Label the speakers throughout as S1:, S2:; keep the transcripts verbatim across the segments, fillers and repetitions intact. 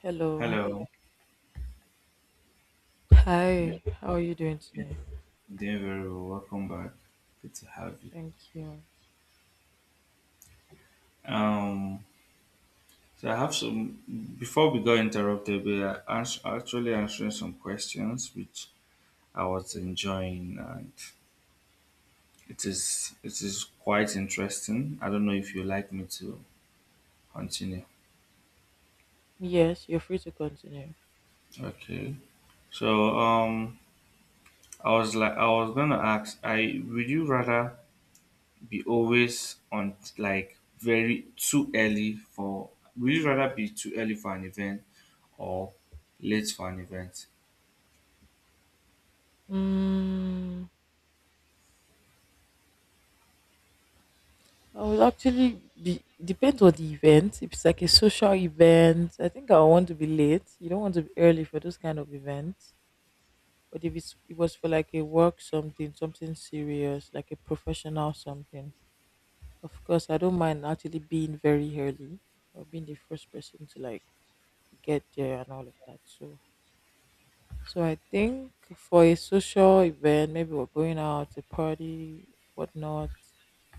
S1: Hello.
S2: Hello, yeah,
S1: Hi. How are you doing
S2: yeah,
S1: today?
S2: doing very well. Welcome back. Good to have you.
S1: Thank you.
S2: Um, so I have some. Before we got interrupted, we are ans- actually answering some questions, which I was enjoying, and it is it is quite interesting. I don't know if you like me to continue.
S1: Yes, you're free to continue.
S2: Okay. So um, I was like, I was gonna ask, I would you rather be always on like very too early for would you rather be too early for an event or late for an event?
S1: Mm, I will actually be, It depends on the event. If it's like a social event, I think I want to be late. You don't want to be early for those kind of events. But if it's, it was for like a work something, something serious, like a professional something, of course, I don't mind actually being very early or being the first person to like get there and all of that. So So I think for a social event, maybe we're going out, a party, whatnot,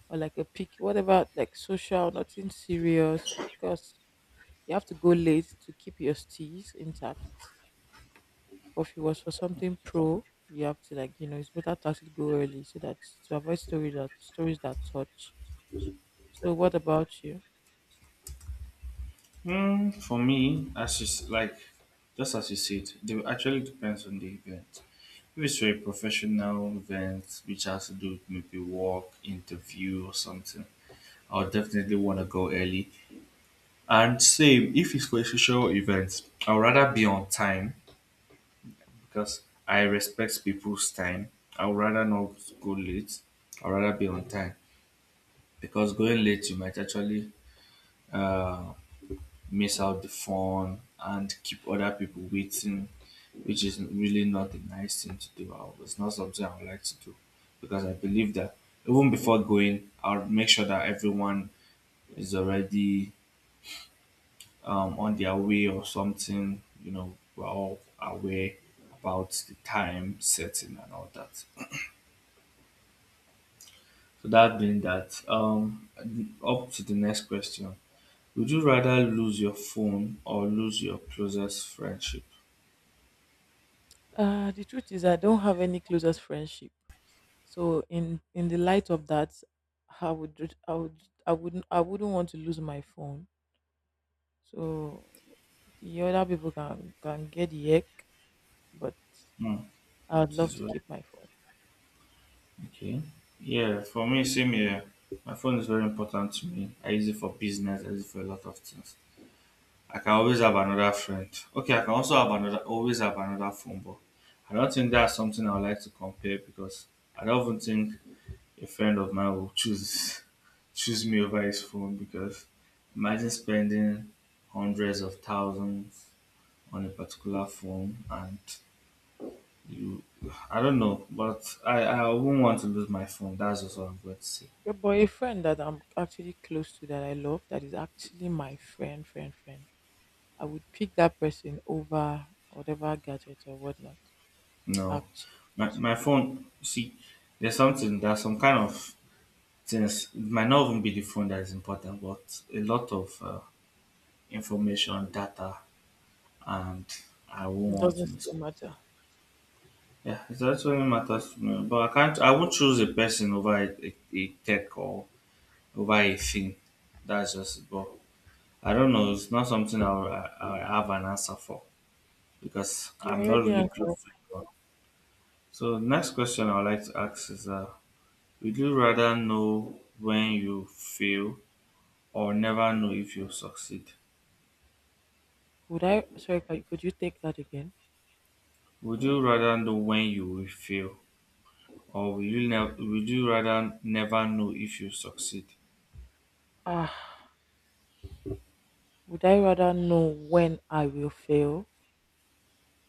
S1: or like a pic, whatever, like social, nothing serious. Of course, you have to go late to keep your steez intact. But if it was for something pro, you have to like you know it's better to actually go early so that to avoid stories that stories that touch. So what about you?
S2: Hmm, for me, as you s- like just as you said, they will actually depends on the event. If it's for a professional event which has to do with maybe work, interview or something, I'll definitely want to go early. And same if it's for a social event, I'd rather be on time because I respect people's time. I would rather not go late. I'd rather be on time because going late you might actually uh, miss out the fun and keep other people waiting, which is really not a nice thing to do. I- It's not something I would like to do because I believe that even before going, I'll make sure that everyone is already um, on their way or something. You know, we're all aware about the time setting and all that. So that being that, um, up to the next question. Would you rather lose your phone or lose your closest friendship?
S1: Uh the truth is I don't have any closest friendship. So in in the light of that, I would ju- I would I wouldn't I wouldn't want to lose my phone. So the other people can can get the heck, but
S2: Hmm.
S1: I would
S2: This
S1: love
S2: is
S1: to
S2: what-
S1: keep my phone.
S2: okay. Yeah, for me, same here. My phone is very important to me. I use it for business. I use it for a lot of things. I can always have another friend. Okay, I can also have another, always have another phone, but I don't think that's something I would like to compare because I don't even think a friend of mine will choose choose me over his phone because imagine spending hundreds of thousands on a particular phone, and you I don't know, but I, I wouldn't want to lose my phone. That's just what I'm going to say.
S1: Yeah, but a friend that I'm actually close to, that I love, that is actually my friend, friend, friend, I would pick that person over whatever gadget or whatnot.
S2: No.
S1: Actually,
S2: My my phone, see, there's something there's some kind of things, it might not even be the phone that is important, but a lot of uh, information, data, and I won't
S1: it
S2: want to
S1: doesn't
S2: miss.
S1: still matter.
S2: Yeah, it's actually matters to me, but I can't. I won't choose a person over a, a, a tech or over a thing. That's just it. But I don't know. It's not something I'll, I, I have an answer for because
S1: You
S2: I'm not
S1: already
S2: really close
S1: answered.
S2: to anyone. So the next question I'd like to ask is: uh, would you rather know when you fail or never know if you succeed?
S1: Would I? Sorry, ca- could you take that again?
S2: Would you rather know when you will fail, or will you never? Would you rather never know if you succeed?
S1: Ah, Would I rather know when I will fail,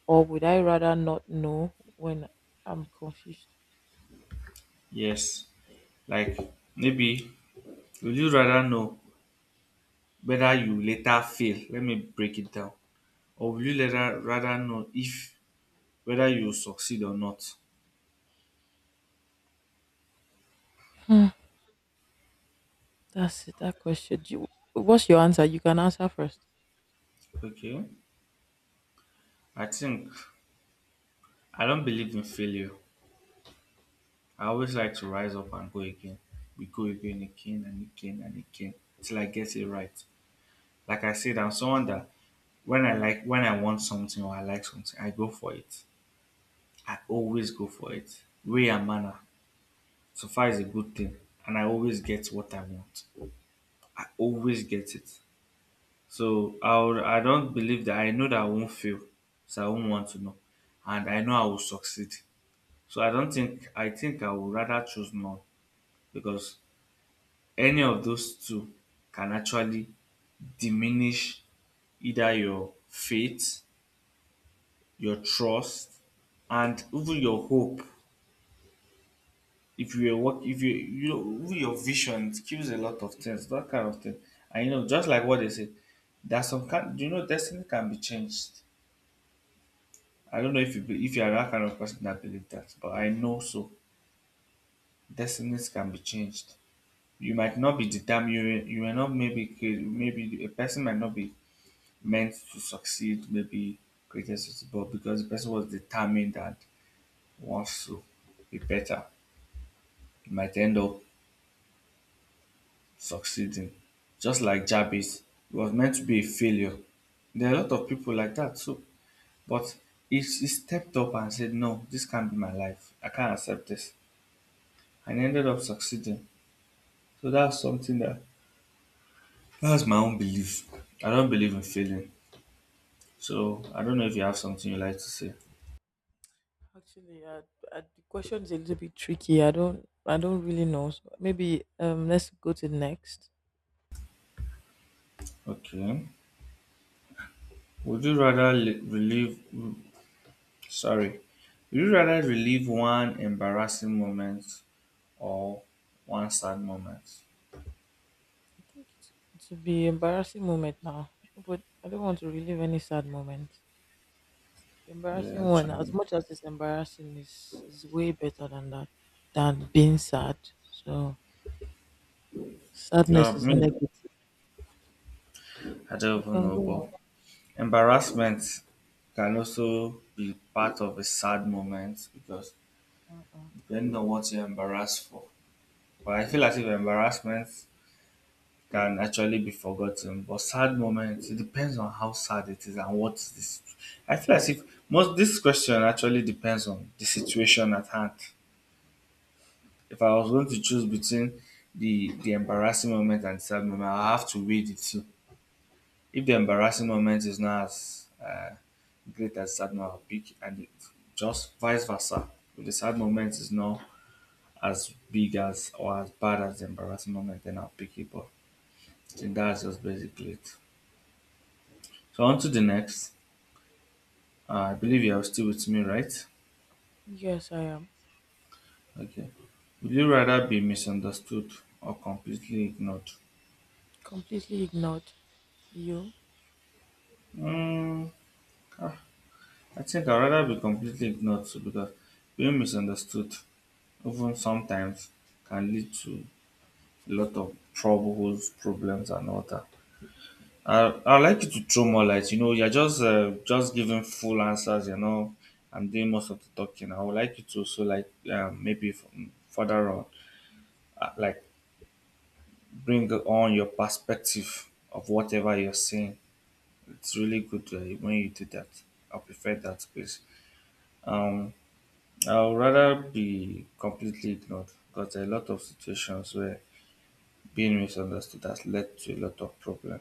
S1: or would I rather not know when I'm confused?
S2: Yes, like maybe, would you rather know whether you later fail? Let me break it down. Or would you later rather know if whether you succeed or not?
S1: Hmm, that's it, that question. Do you, what's your answer? You can answer first.
S2: Okay. I think I don't believe in failure. I always like to rise up and go again. We go again, again and again and again till I get it right. Like I said, I'm someone that when I like when I want something or I like something, I go for it. I always go for it. Way and manner. So far is a good thing. And I always get what I want. I always get it. So I would, I don't believe that I know that I won't fail. So I won't want to know. And I know I will succeed. So I don't think I think I would rather choose none because any of those two can actually diminish either your faith, your trust, and even your hope. If you work if you you know even your vision, it kills a lot of things, that kind of thing. And, you know, just like what they said, that some can you know destiny can be changed. I don't know if you be, if you are that kind of person that believe that, but I know so. Destinies can be changed. You might not be determined. You, may- you may not maybe create- maybe a person might not be meant to succeed. Maybe created success, but because the person was determined and wants to be better, he might end up succeeding. Just like Jabez, he was meant to be a failure. There are a lot of people like that too. But he, he stepped up and said, "No, this can't be my life. I can't accept this," and he ended up succeeding. So that's something that that's my own belief. I don't believe in failing. So I don't know if you have something you like to say.
S1: Actually, uh, uh, the question is a little bit tricky. I don't, I don't really know. So maybe um, let's go to the next.
S2: Okay. Would you rather li- relive? mm, Sorry. Would you rather relive one embarrassing moment or one sad moment?
S1: I think it's, it would be embarrassing moment now, but I don't want to relive any sad moment. The
S2: Yeah,
S1: embarrassing one, as
S2: actually.
S1: much as it's embarrassing, is is way better than that, than being sad. So
S2: Yeah,
S1: sadness is
S2: me.
S1: negative.
S2: I don't
S1: You
S2: even
S1: can
S2: know,
S1: go
S2: but
S1: on.
S2: embarrassment can also be part of a sad moment because
S1: Uh-uh.
S2: depending on what you're embarrassed for. But I feel as if embarrassment can actually be forgotten. But sad moments, it depends on how sad it is and what is this. I feel as if most this question actually depends on the situation at hand. If I was going to choose between the the embarrassing moment and sad moment, I have to weigh the two. If the embarrassing moment is not as uh, great as sad moment, I'll pick and it, just vice versa. If the sad moment is not as big as or as bad as the embarrassing moment, then I'll pick it. But I think that's just basically it. So on to the next. Uh, I believe you are still with me, right?
S1: Yes, I am
S2: Okay. Would you rather be misunderstood or completely ignored?
S1: completely ignored. You?
S2: Mm, I think I'd rather be completely ignored too, because being misunderstood, even sometimes, can lead to a lot of troubles, problems, and all that. I I like you to throw more light. You know, you're just uh, just giving full answers. You know, I'm doing most of the talking. I would like you to also like um, maybe from further on, uh, like bring on your perspective of whatever you're seeing. It's really good uh, when you do that. I prefer that space. Um, I would rather be completely ignored because there are a lot of situations where being misunderstood has led to a lot of problem.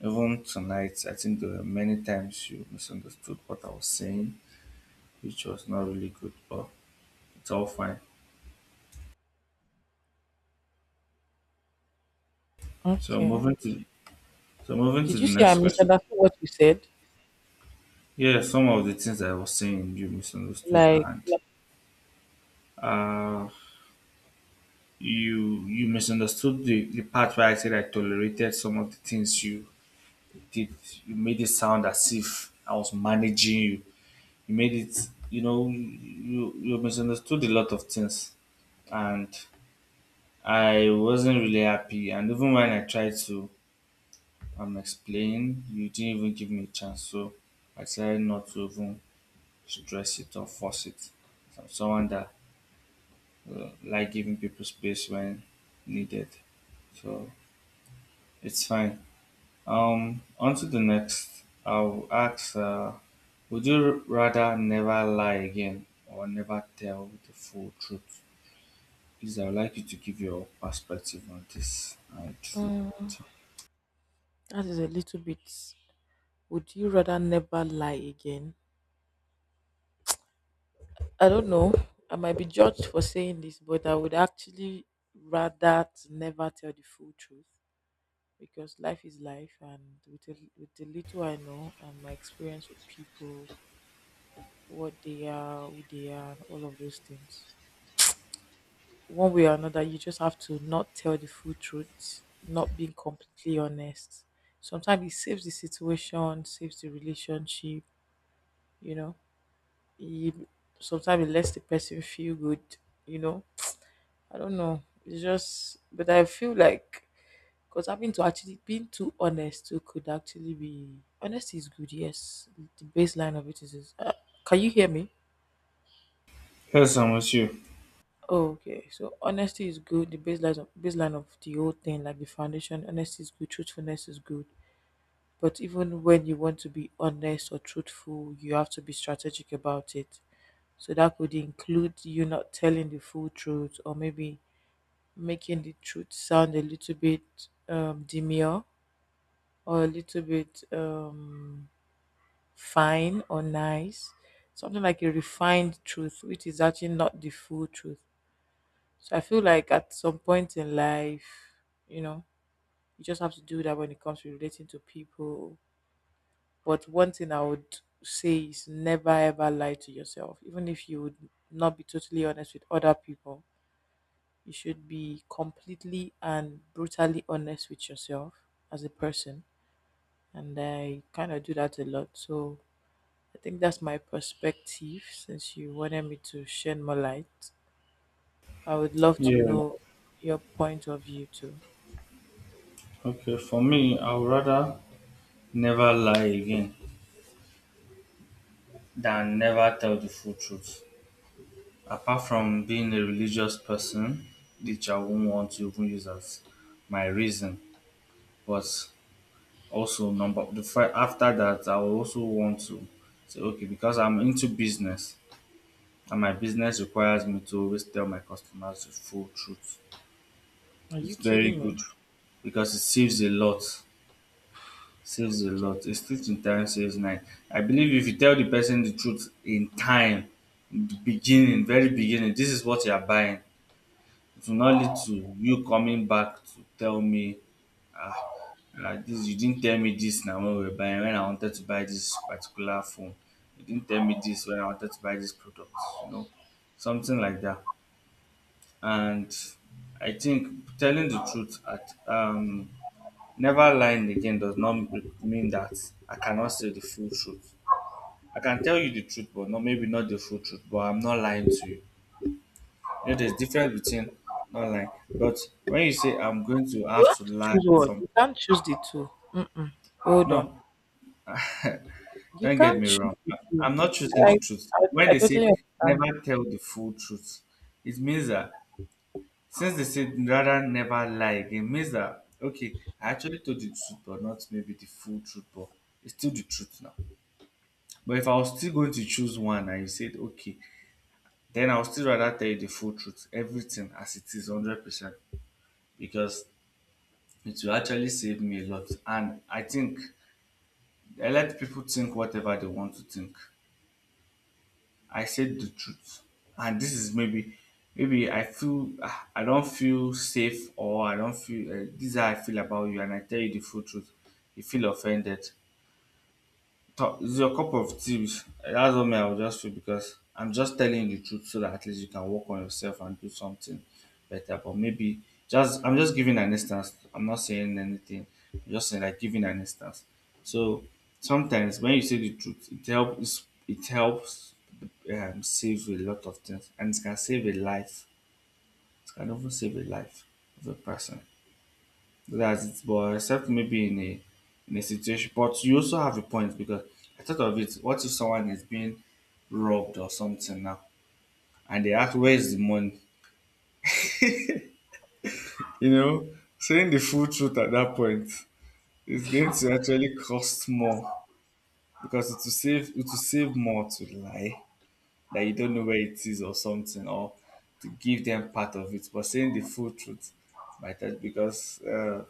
S2: Even tonight, I think there were many times you misunderstood what I was saying, which was not really good, but it's all fine. So
S1: Okay.
S2: moving to so moving to
S1: Did
S2: the
S1: you see I
S2: next question.
S1: misunderstood what you said?
S2: Yeah, some of the things I was saying you misunderstood,
S1: Like,
S2: and uh you you misunderstood the, the part where I said I tolerated some of the things you did. You made it sound as if I was managing you. You made it, you know, you you misunderstood a lot of things, and I wasn't really happy. And even when I tried to um explain, you didn't even give me a chance. So I decided not to even stress it or force it. I'm someone that uh, like giving people space when needed, so it's fine. Um, on to the next. I'll ask, uh, would you rather never lie again or never tell the full truth? Please, I would like you to give your perspective on this. And
S1: Mm, that is a little bit. Would you rather never lie again? I don't know. I might be judged for saying this, but I would actually rather to never tell the full truth, because life is life, and with the, with the little I know, and my experience with people, what they are, who they are, and all of those things. One way or another, you just have to not tell the full truth, not being completely honest. Sometimes it saves the situation, saves the relationship, you know. It, Sometimes it lets the person feel good, you know. I don't know. It's just, but I feel like, because having to actually being too honest too could actually be honest is good. Yes, the baseline of it is. Is uh, can you hear me?
S2: yes, I'm with you.
S1: Okay, so honesty is good. The baseline of baseline of the whole thing, like the foundation, honesty is good. Truthfulness is good. But even when you want to be honest or truthful, you have to be strategic about it. So that could include you not telling the full truth, or maybe making the truth sound a little bit um, demure, or a little bit um, fine or nice, something like a refined truth, which is actually not the full truth. So I feel like at some point in life, you know, you just have to do that when it comes to relating to people. But one thing I would say is never ever lie to yourself. Even if you would not be totally honest with other people, you should be completely and brutally honest with yourself as a person. And I kind of do that a lot. So I think that's my perspective, since you wanted me to shed more light. I would love to
S2: Yeah.
S1: know your point of view too.
S2: Okay. For me, I would rather never lie again than never tell the full truth. Apart from being a religious person, which I won't want to even use as my reason, but also number the first after that, I will also want to say okay, because I'm into business, and my business requires me to always tell my customers the full truth.
S1: Are
S2: It's
S1: you
S2: very
S1: kidding me?
S2: good because it saves a lot, saves a
S1: Okay.
S2: lot. A stitch in time saves nine. I believe if you tell the person the truth in time, in the beginning, very beginning, this is what you are buying, to not lead to you coming back to tell me, ah, ah, this, you didn't tell me this now when we were buying, when I wanted to buy this particular phone. You didn't tell me this when I wanted to buy this product, you know, something like that. And I think telling the truth at um never lying again does not m- mean that I cannot say the full truth. I can tell you the truth, but not maybe not the full truth, but I'm not lying to you. You know, there's difference between not lying. But when you say I'm going to
S1: You
S2: have to
S1: have to
S2: lie at
S1: choose one.
S2: some
S1: You
S2: point,
S1: can't choose the two. Mm-mm. Hold on.
S2: no,
S1: You
S2: don't get
S1: can't
S2: me
S1: choose
S2: wrong.
S1: the
S2: I-
S1: two.
S2: I'm not choosing the
S1: I,
S2: truth.
S1: I,
S2: When
S1: I
S2: they say
S1: totally understand
S2: never
S1: you.
S2: tell the full truth, it means that since they said rather never lie again, it means that okay, I actually told the truth, but not maybe the full truth, but it's still the truth now. But if I was still going to choose one and you said okay, then I would still rather tell you the full truth, everything as it is, hundred percent. Because it will actually save me a lot. And I think I let people think whatever they want to think. I said the truth. And this is maybe, maybe I feel, ah, I don't feel safe, or I don't feel, uh, this is how I feel about you. And I tell you the full truth. You feel offended. So, it's your cup of tea. That's what me I would just feel because I'm just telling you the truth so that at least you can work on yourself and do something better. But maybe just I'm just giving an instance. I'm not saying anything. I'm just saying, like, giving an instance. So sometimes when you say the truth, it helps. It helps um, save a lot of things, and it can save a life. It can even save a life of a person. That's it, but except maybe in a in a situation. But you also have a point because I thought of it. What if someone is being robbed or something now, and they ask, "Where's the money?" You know, saying the full truth at that point is going to actually cost more because it will save it will save more to lie that you don't know where it is or something, or to give them part of it. But saying the full truth might help because uh,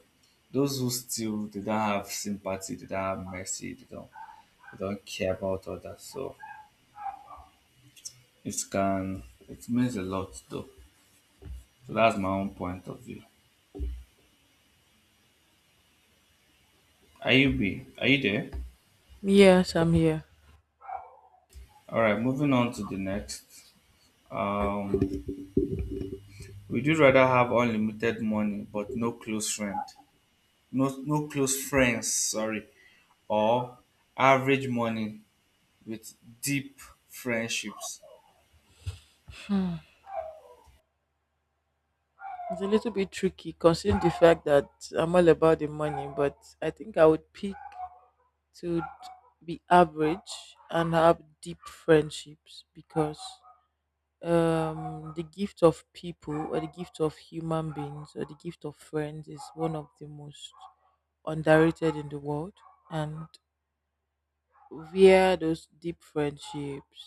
S2: those who steal, they don't have sympathy, they don't have mercy, they don't don't care about all. So it can it means a lot though. So that's my own point of view. Are you be are you there?
S1: Yes, I'm here.
S2: Alright, moving on to the next. Um would you rather have unlimited money but no close friend? No, no close friends, sorry. Or average money with deep friendships.
S1: It's a little bit tricky considering the fact that I'm all about the money, but I think I would pick to d- be average and have deep friendships, because um the gift of people, or the gift of human beings, or the gift of friends is one of the most underrated in the world, and via those deep friendships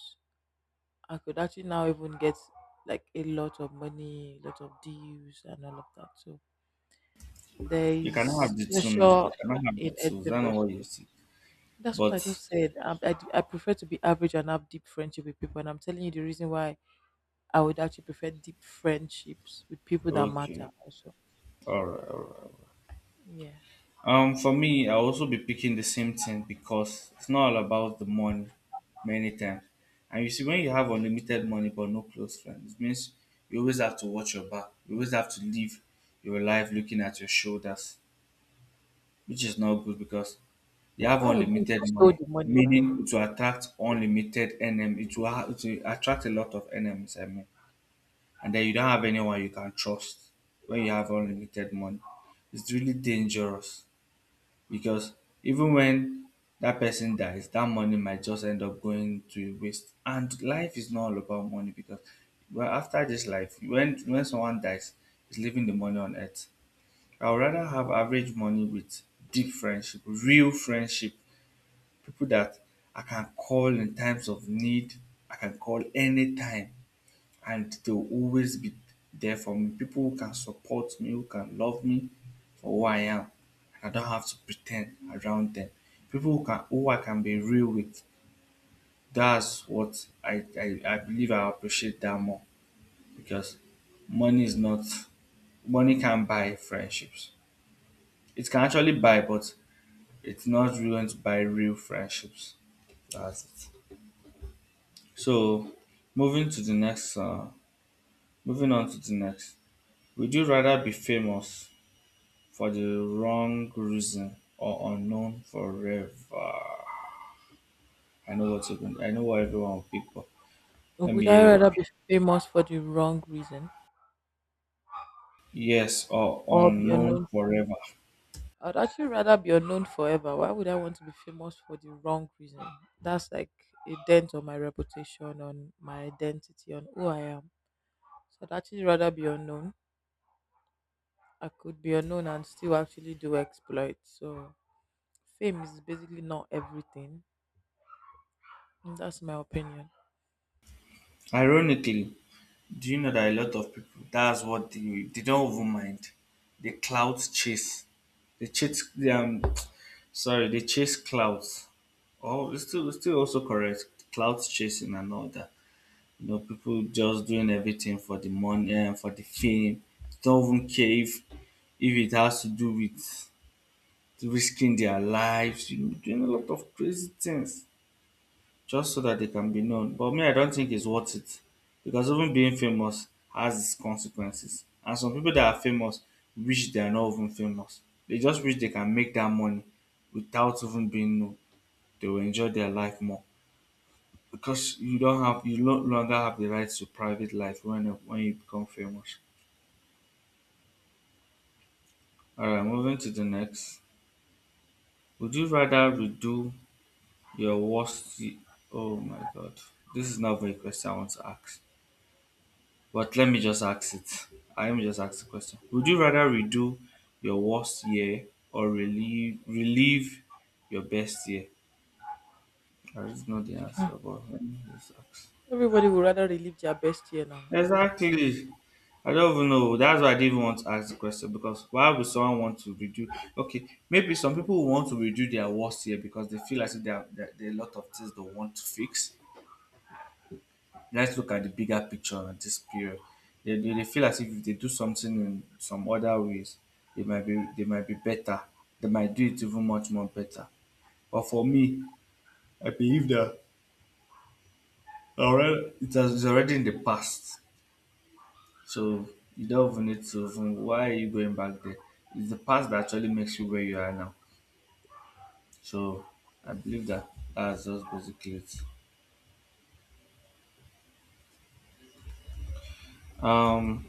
S1: I could actually now even get like a lot of money, a lot of deals, and all of that. So there
S2: You cannot have
S1: is
S2: the two now. You
S1: treasure
S2: cannot have the
S1: in
S2: two. That's
S1: every
S2: not what
S1: vessel.
S2: you see.
S1: That's what
S2: But
S1: I just said. I, I, I prefer to be average and have deep friendship with people, and I'm telling you the reason why. I would actually prefer deep friendships with people that matter
S2: okay.
S1: also.
S2: Alright, alright.
S1: Yeah,
S2: Um, for me, I'll also be picking the same thing because it's not all about the money many times. And you see, when you have unlimited money but no close friends, it means you always have to watch your back. You always have to live your life looking at your shoulders, which is not good because you have
S1: that would be if
S2: unlimited
S1: you stole
S2: money,
S1: the money, man.
S2: meaning it will attract unlimited enemies. It will, ha- it will attract a lot of enemies, I mean. And then you don't have anyone you can trust when you have unlimited money. It's really dangerous because even when that person dies, that money might just end up going to waste. And life is not all about money because well, after this life, when when someone dies, is leaving the money on earth. I would rather have average money with deep friendship, real friendship, people that I can call in times of need. I can call anytime and they'll always be there for me. People who can support me, who can love me for who I am, and I don't have to pretend around them. People who can who I can be real with. That's what I, I, I believe. I appreciate that more because money is not money can't buy friendships. It can actually buy, but it's not really going to buy real friendships. That's it. So moving to the next uh, Moving on to the next. Would you rather be famous for the wrong reason or unknown forever? I know what you are going. I know what everyone people. Let
S1: Would
S2: me
S1: I
S2: hear you.
S1: rather be famous for the wrong reason
S2: Yes, or
S1: or be
S2: unknown
S1: unknown?
S2: forever.
S1: I'd actually rather be unknown forever. Why would I want to be famous for the wrong reason? That's like a dent on my reputation, on my identity, on who I am. So I'd actually rather be unknown. I could be unknown and still actually do exploits. So fame is basically not everything. And that's my opinion.
S2: Ironically, do you know that a lot of people, that's what they they don't even mind. They clout chase. They chase they, um sorry, they chase clouds. Oh, it's still it's still also correct. Clout chasing and all that. You know, people just doing everything for the money and for the fame. Don't even care if if it has to do with risking their lives, you know, doing a lot of crazy things just so that they can be known. But me, I don't think it's worth it because even being famous has its consequences. And some people that are famous wish they are not even famous. They just wish they can make that money without even being known. They will enjoy their life more because you don't have you no longer have the right to private life when when you become famous. All right, moving to the next. Would you rather redo Your worst. Y- Oh my god. This is not very question I want to ask. But let me just ask it. I am just ask the question. Would you rather redo your worst year or relieve relieve your best year? I just know the answer, but let me just ask.
S1: Everybody would rather relive their best year now, Abby.
S2: Exactly. I don't even know. That's why I didn't even want to ask the question because why would someone want to redo? Okay, maybe some people will want to redo their worst year because they feel as if there are, there there are a lot of things they want to fix. Let's look at the bigger picture at this period. They, they, they feel as if if they do something in some other ways, they might be they might be better. They might do it even much more better. But for me, I believe that already it has it's already in the past. So you don't even need to even why are you going back there? It's the past that actually makes you where you are now. So I believe that that's just basically it. Um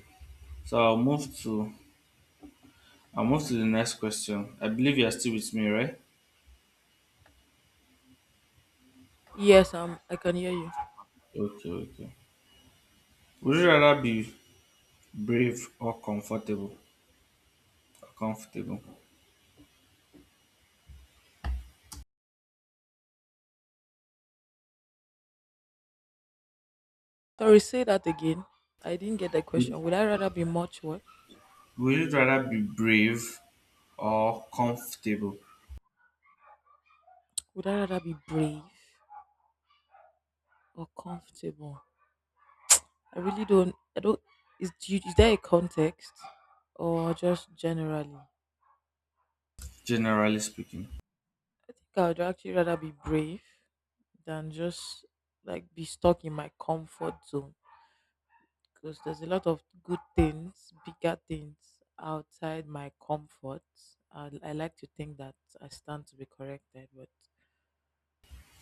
S2: so I'll move to I'll move to the next question. I believe you're still with me, right?
S1: Yes, um, I can hear you.
S2: Okay, okay. Would you rather be brave or comfortable? Or comfortable.
S1: Sorry, say that again. I didn't get the
S2: Would
S1: question. Would I rather be much what?
S2: would you rather be brave or comfortable,
S1: Would I rather be brave or comfortable? I really don't. I don't. Is do you, is there a context, or just generally? I
S2: generally speaking?
S1: think I would actually rather be brave than just like be stuck in my comfort zone, because there's a lot of good things, bigger things outside my comfort. I, I like to think that. I stand to be corrected, but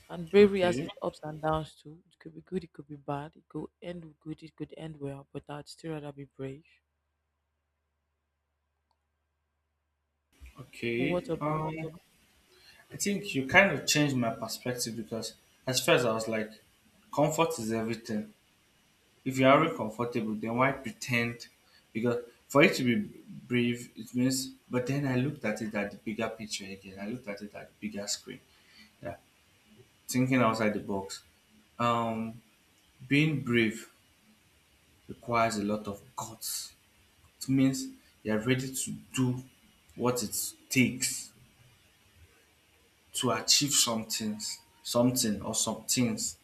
S1: and bravery has
S2: Okay.
S1: its ups and downs too. It could be good, it could be bad. It could end good, it could end well, but I'd still rather be brave. What
S2: Okay.
S1: about
S2: Um,
S1: you?
S2: I think you kind of changed my perspective because at first I was like, comfort is everything. If you're already comfortable, then why pretend? Because for it to be brave, it means. But then I looked at it at the bigger picture again. I looked at it at the bigger screen. Yeah, thinking outside the box. Um, Being brave requires a lot of guts. It means you're ready to do what it takes to achieve some things, something or some things,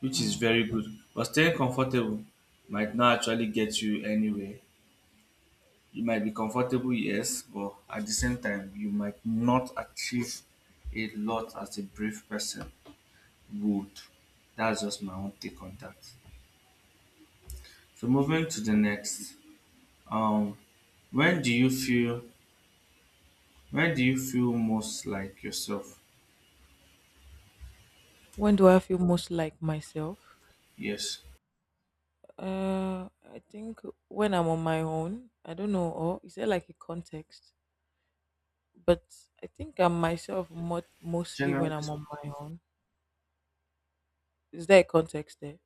S2: which is
S1: Mm.
S2: very good. But staying comfortable might not actually get you anywhere. You might be comfortable, yes, but at the same time, you might not achieve a lot as a brave person would. That's just my own take on that. So moving to the next. Um, when do you feel Where do you feel most like yourself?
S1: When do I feel most like myself?
S2: Yes.
S1: Uh, I think when I'm on my own. I don't know, or is there like a context? But I think I'm myself mo- mostly when
S2: Generally,
S1: I'm on my own. Is there a context there?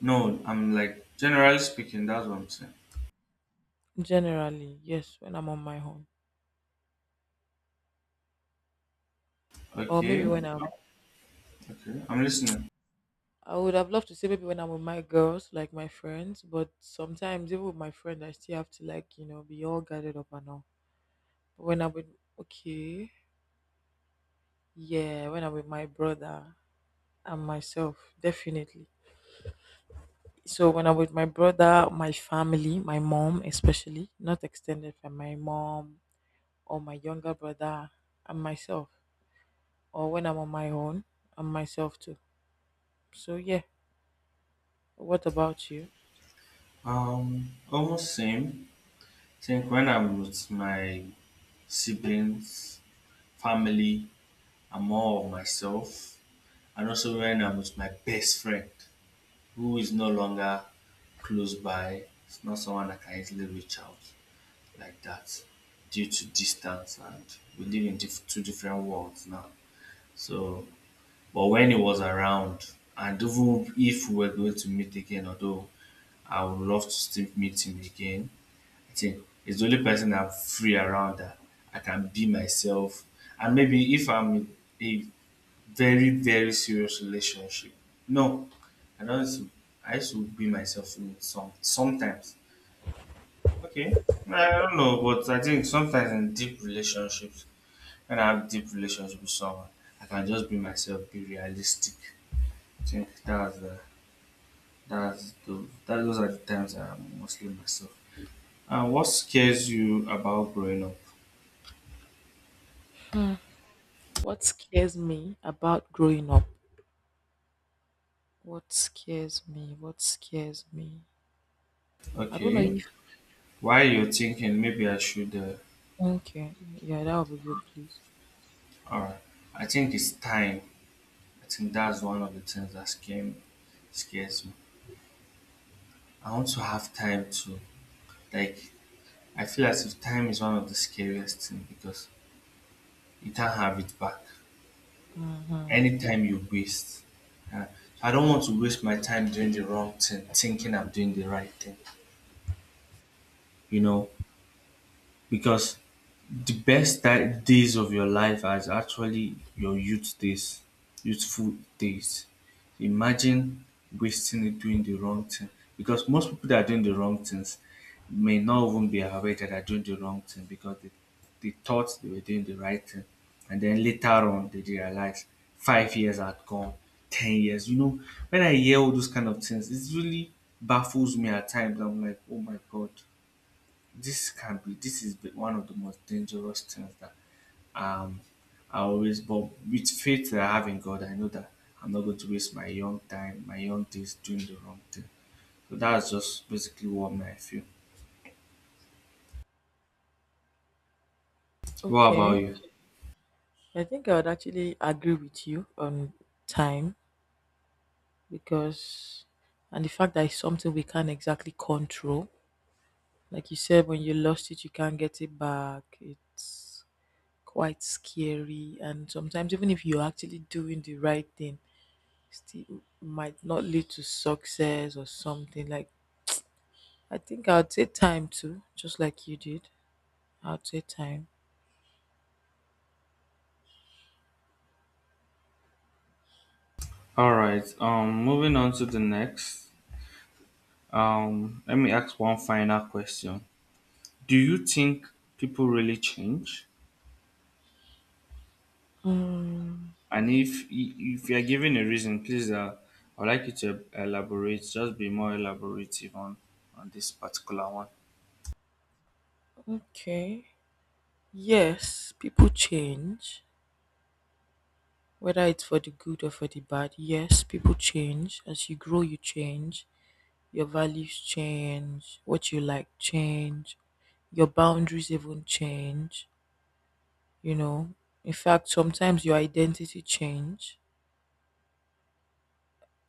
S2: no, I'm like, generally speaking, that's what I'm saying.
S1: Generally, yes, when I'm on my own, or maybe when
S2: Okay,
S1: I'm.
S2: okay, I'm listening.
S1: I would have loved to say maybe when I'm with my girls, like my friends, but sometimes even with my friend, I still have to like you know be all gathered up and all. When I'm with Okay, yeah, when I'm with my brother and myself, definitely. So when I'm with my brother, my family, my mom especially, not extended, from my mom or my younger brother and myself, or when I'm on my own and myself too. So yeah, what about you?
S2: Um, almost same. Think when I'm with my siblings, family, I'm more of myself, and also when I'm with my best friend, who is no longer close by. It's not someone I can easily reach out like that due to distance, and we live in diff- two different worlds now. So, but when he was around, and even if we were going to meet again, although I would love to still meet him again, I think he's the only person I'm free around, that I can be myself. And maybe if I'm in a very, very serious relationship, no, I don't. Used to, I used to be myself in some sometimes. Okay, I don't know, but I think sometimes in deep relationships, when I have deep relationship with someone, I can just be myself, be realistic. Think that's the that's the that those are the times I am mostly myself. And what scares you about growing up?
S1: Hmm. What scares me about growing up? What scares me? What scares me? I don't know if
S2: Okay, while you're thinking, maybe I should. Uh,
S1: Okay. Yeah, that would be good, please.
S2: all right, I think it's time. I think that's one of the things that scare me, scares me. I want to have time to like. I feel as if time is one of the scariest things because you can't have it back.
S1: Mm-hmm.
S2: Anytime you waste, uh, so I don't want to waste my time doing the wrong thing, thinking I'm doing the right thing, you know, because The best ti days of your life are actually your youth days, youthful days. Imagine wasting it doing the wrong thing because most people that are doing the wrong things may not even be aware that they're doing the wrong thing because they, they thought they were doing the right thing. And then later on, they realize five years had gone, ten years. You know, when I hear all those kind of things, it really baffles me at times. I'm like, oh my God, this can be this is the- one of the most dangerous things that um I always. But with faith that I have in God, I know that I'm not going to waste my young time, my young days doing the wrong thing. So that's just basically what I feel. What about
S1: Okay.
S2: you?
S1: I think I would actually agree with you on time, because and the fact that it's something we can't exactly control. Like you said, when you lost it you can't get it back. It's quite scary, and sometimes even if you're actually doing the right thing, still might not lead to success or something like I think I'll take time too, just like you did. I'll take time.
S2: All right. Um, moving on to the next. Um, let me ask one final question. Do you think people really change?
S1: Mm,
S2: And if if you are giving a reason, please, uh, I'd like you to elaborate. Just be more elaborative on on this particular one.
S1: okay. Yes, people change, whether it's for the good or for the bad. Yes, people change. As you grow, you change. Your values change. What you like change. Your boundaries even change. You know, in fact, sometimes your identity change.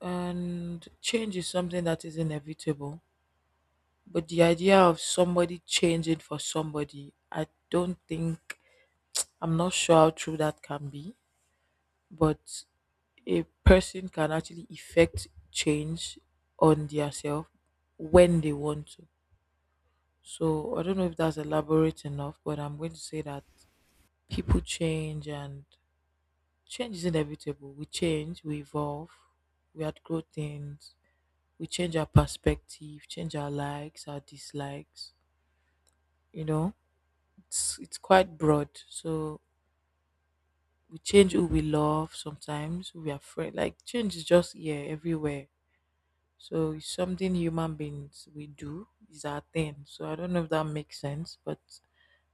S1: And change is something that is inevitable. But the idea of somebody changing for somebody, I don't think, I'm not sure how true that can be. But a person can actually effect change on their self when they want to. So I don't know if that's elaborate enough, but I'm going to say that people change, and change is inevitable. We change, we evolve, we outgrow things, we change our perspective, change our likes, our dislikes. You know it's it's quite broad. So we change who we love sometimes, who we are afraid. Like change is just here everywhere. So it's something human beings we do is our thing. So I don't know if that makes sense, but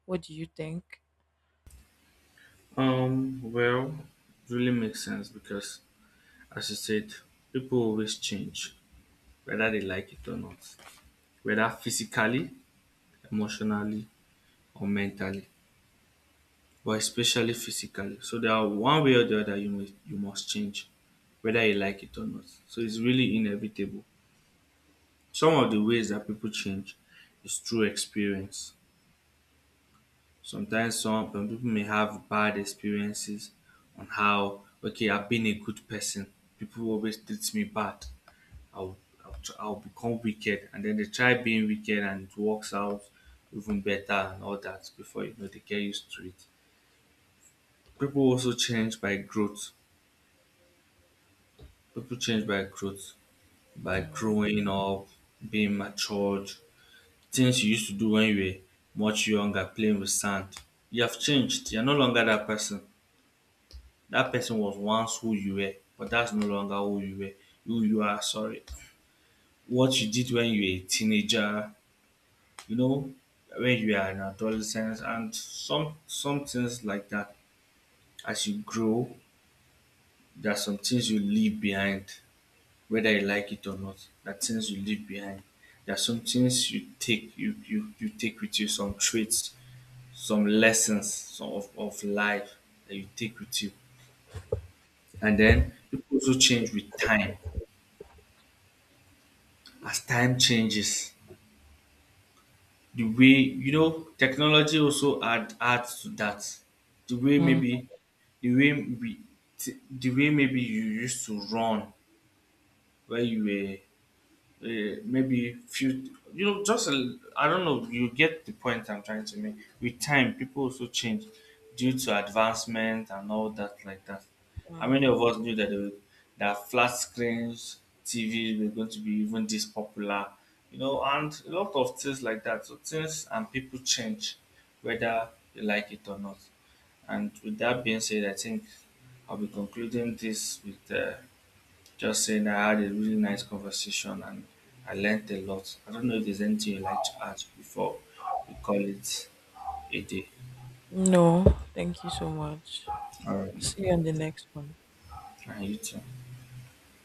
S1: what do you think?
S2: Um, well, it really makes sense because, as you said, people always change, whether they like it or not, whether physically, emotionally, or mentally, but especially physically. So there are one way or the other, you must you must change, whether you like it or not. So it's really inevitable. Some of the ways that people change is through experience. Sometimes some some people may have bad experiences on how, okay, I've been a good person. People always treat me bad. I'll I'll, tr- I'll become wicked, and then they try being wicked, and it works out even better and all that. Before you know, they get used to it. People also change by growth. People change by growth, by
S1: Mhm.
S2: growing up, being matured. Things you used to do when you were much younger, playing with sand. You have changed. You're no longer that person. That person was once who you were, but that's no longer who you were. Who you are, sorry. What you did when you were a teenager, you know, when you are an adolescent, and some some things like that. As you grow, there are some things you leave behind, whether you like it or not. There are things you leave behind. There are some things you take you you, you take with you, some traits, some lessons, some of, of life, that you take with you. And then people also change with time. As time changes, the way you know, technology also add adds to that. The way
S1: Mhm.
S2: maybe the way we t- the way maybe You used to run where you were, uh, maybe few you know just a- I don't know, you get the point I'm trying to make. With time people also change due to advancement and all that like that. how many of
S1: Mhm.
S2: us knew that they were- that flat screens tv were going to be even this popular? You know, and a lot of things like that. So things and people change, whether they like it or not. And with that being said, I think I'll be concluding this with, uh, just saying, I had a really nice conversation and I learned a lot. I don't know if there's anything you'd like to add before we call it a day.
S1: No, thank you so much.
S2: All right.
S1: I'll see you on the next one.
S2: And you too.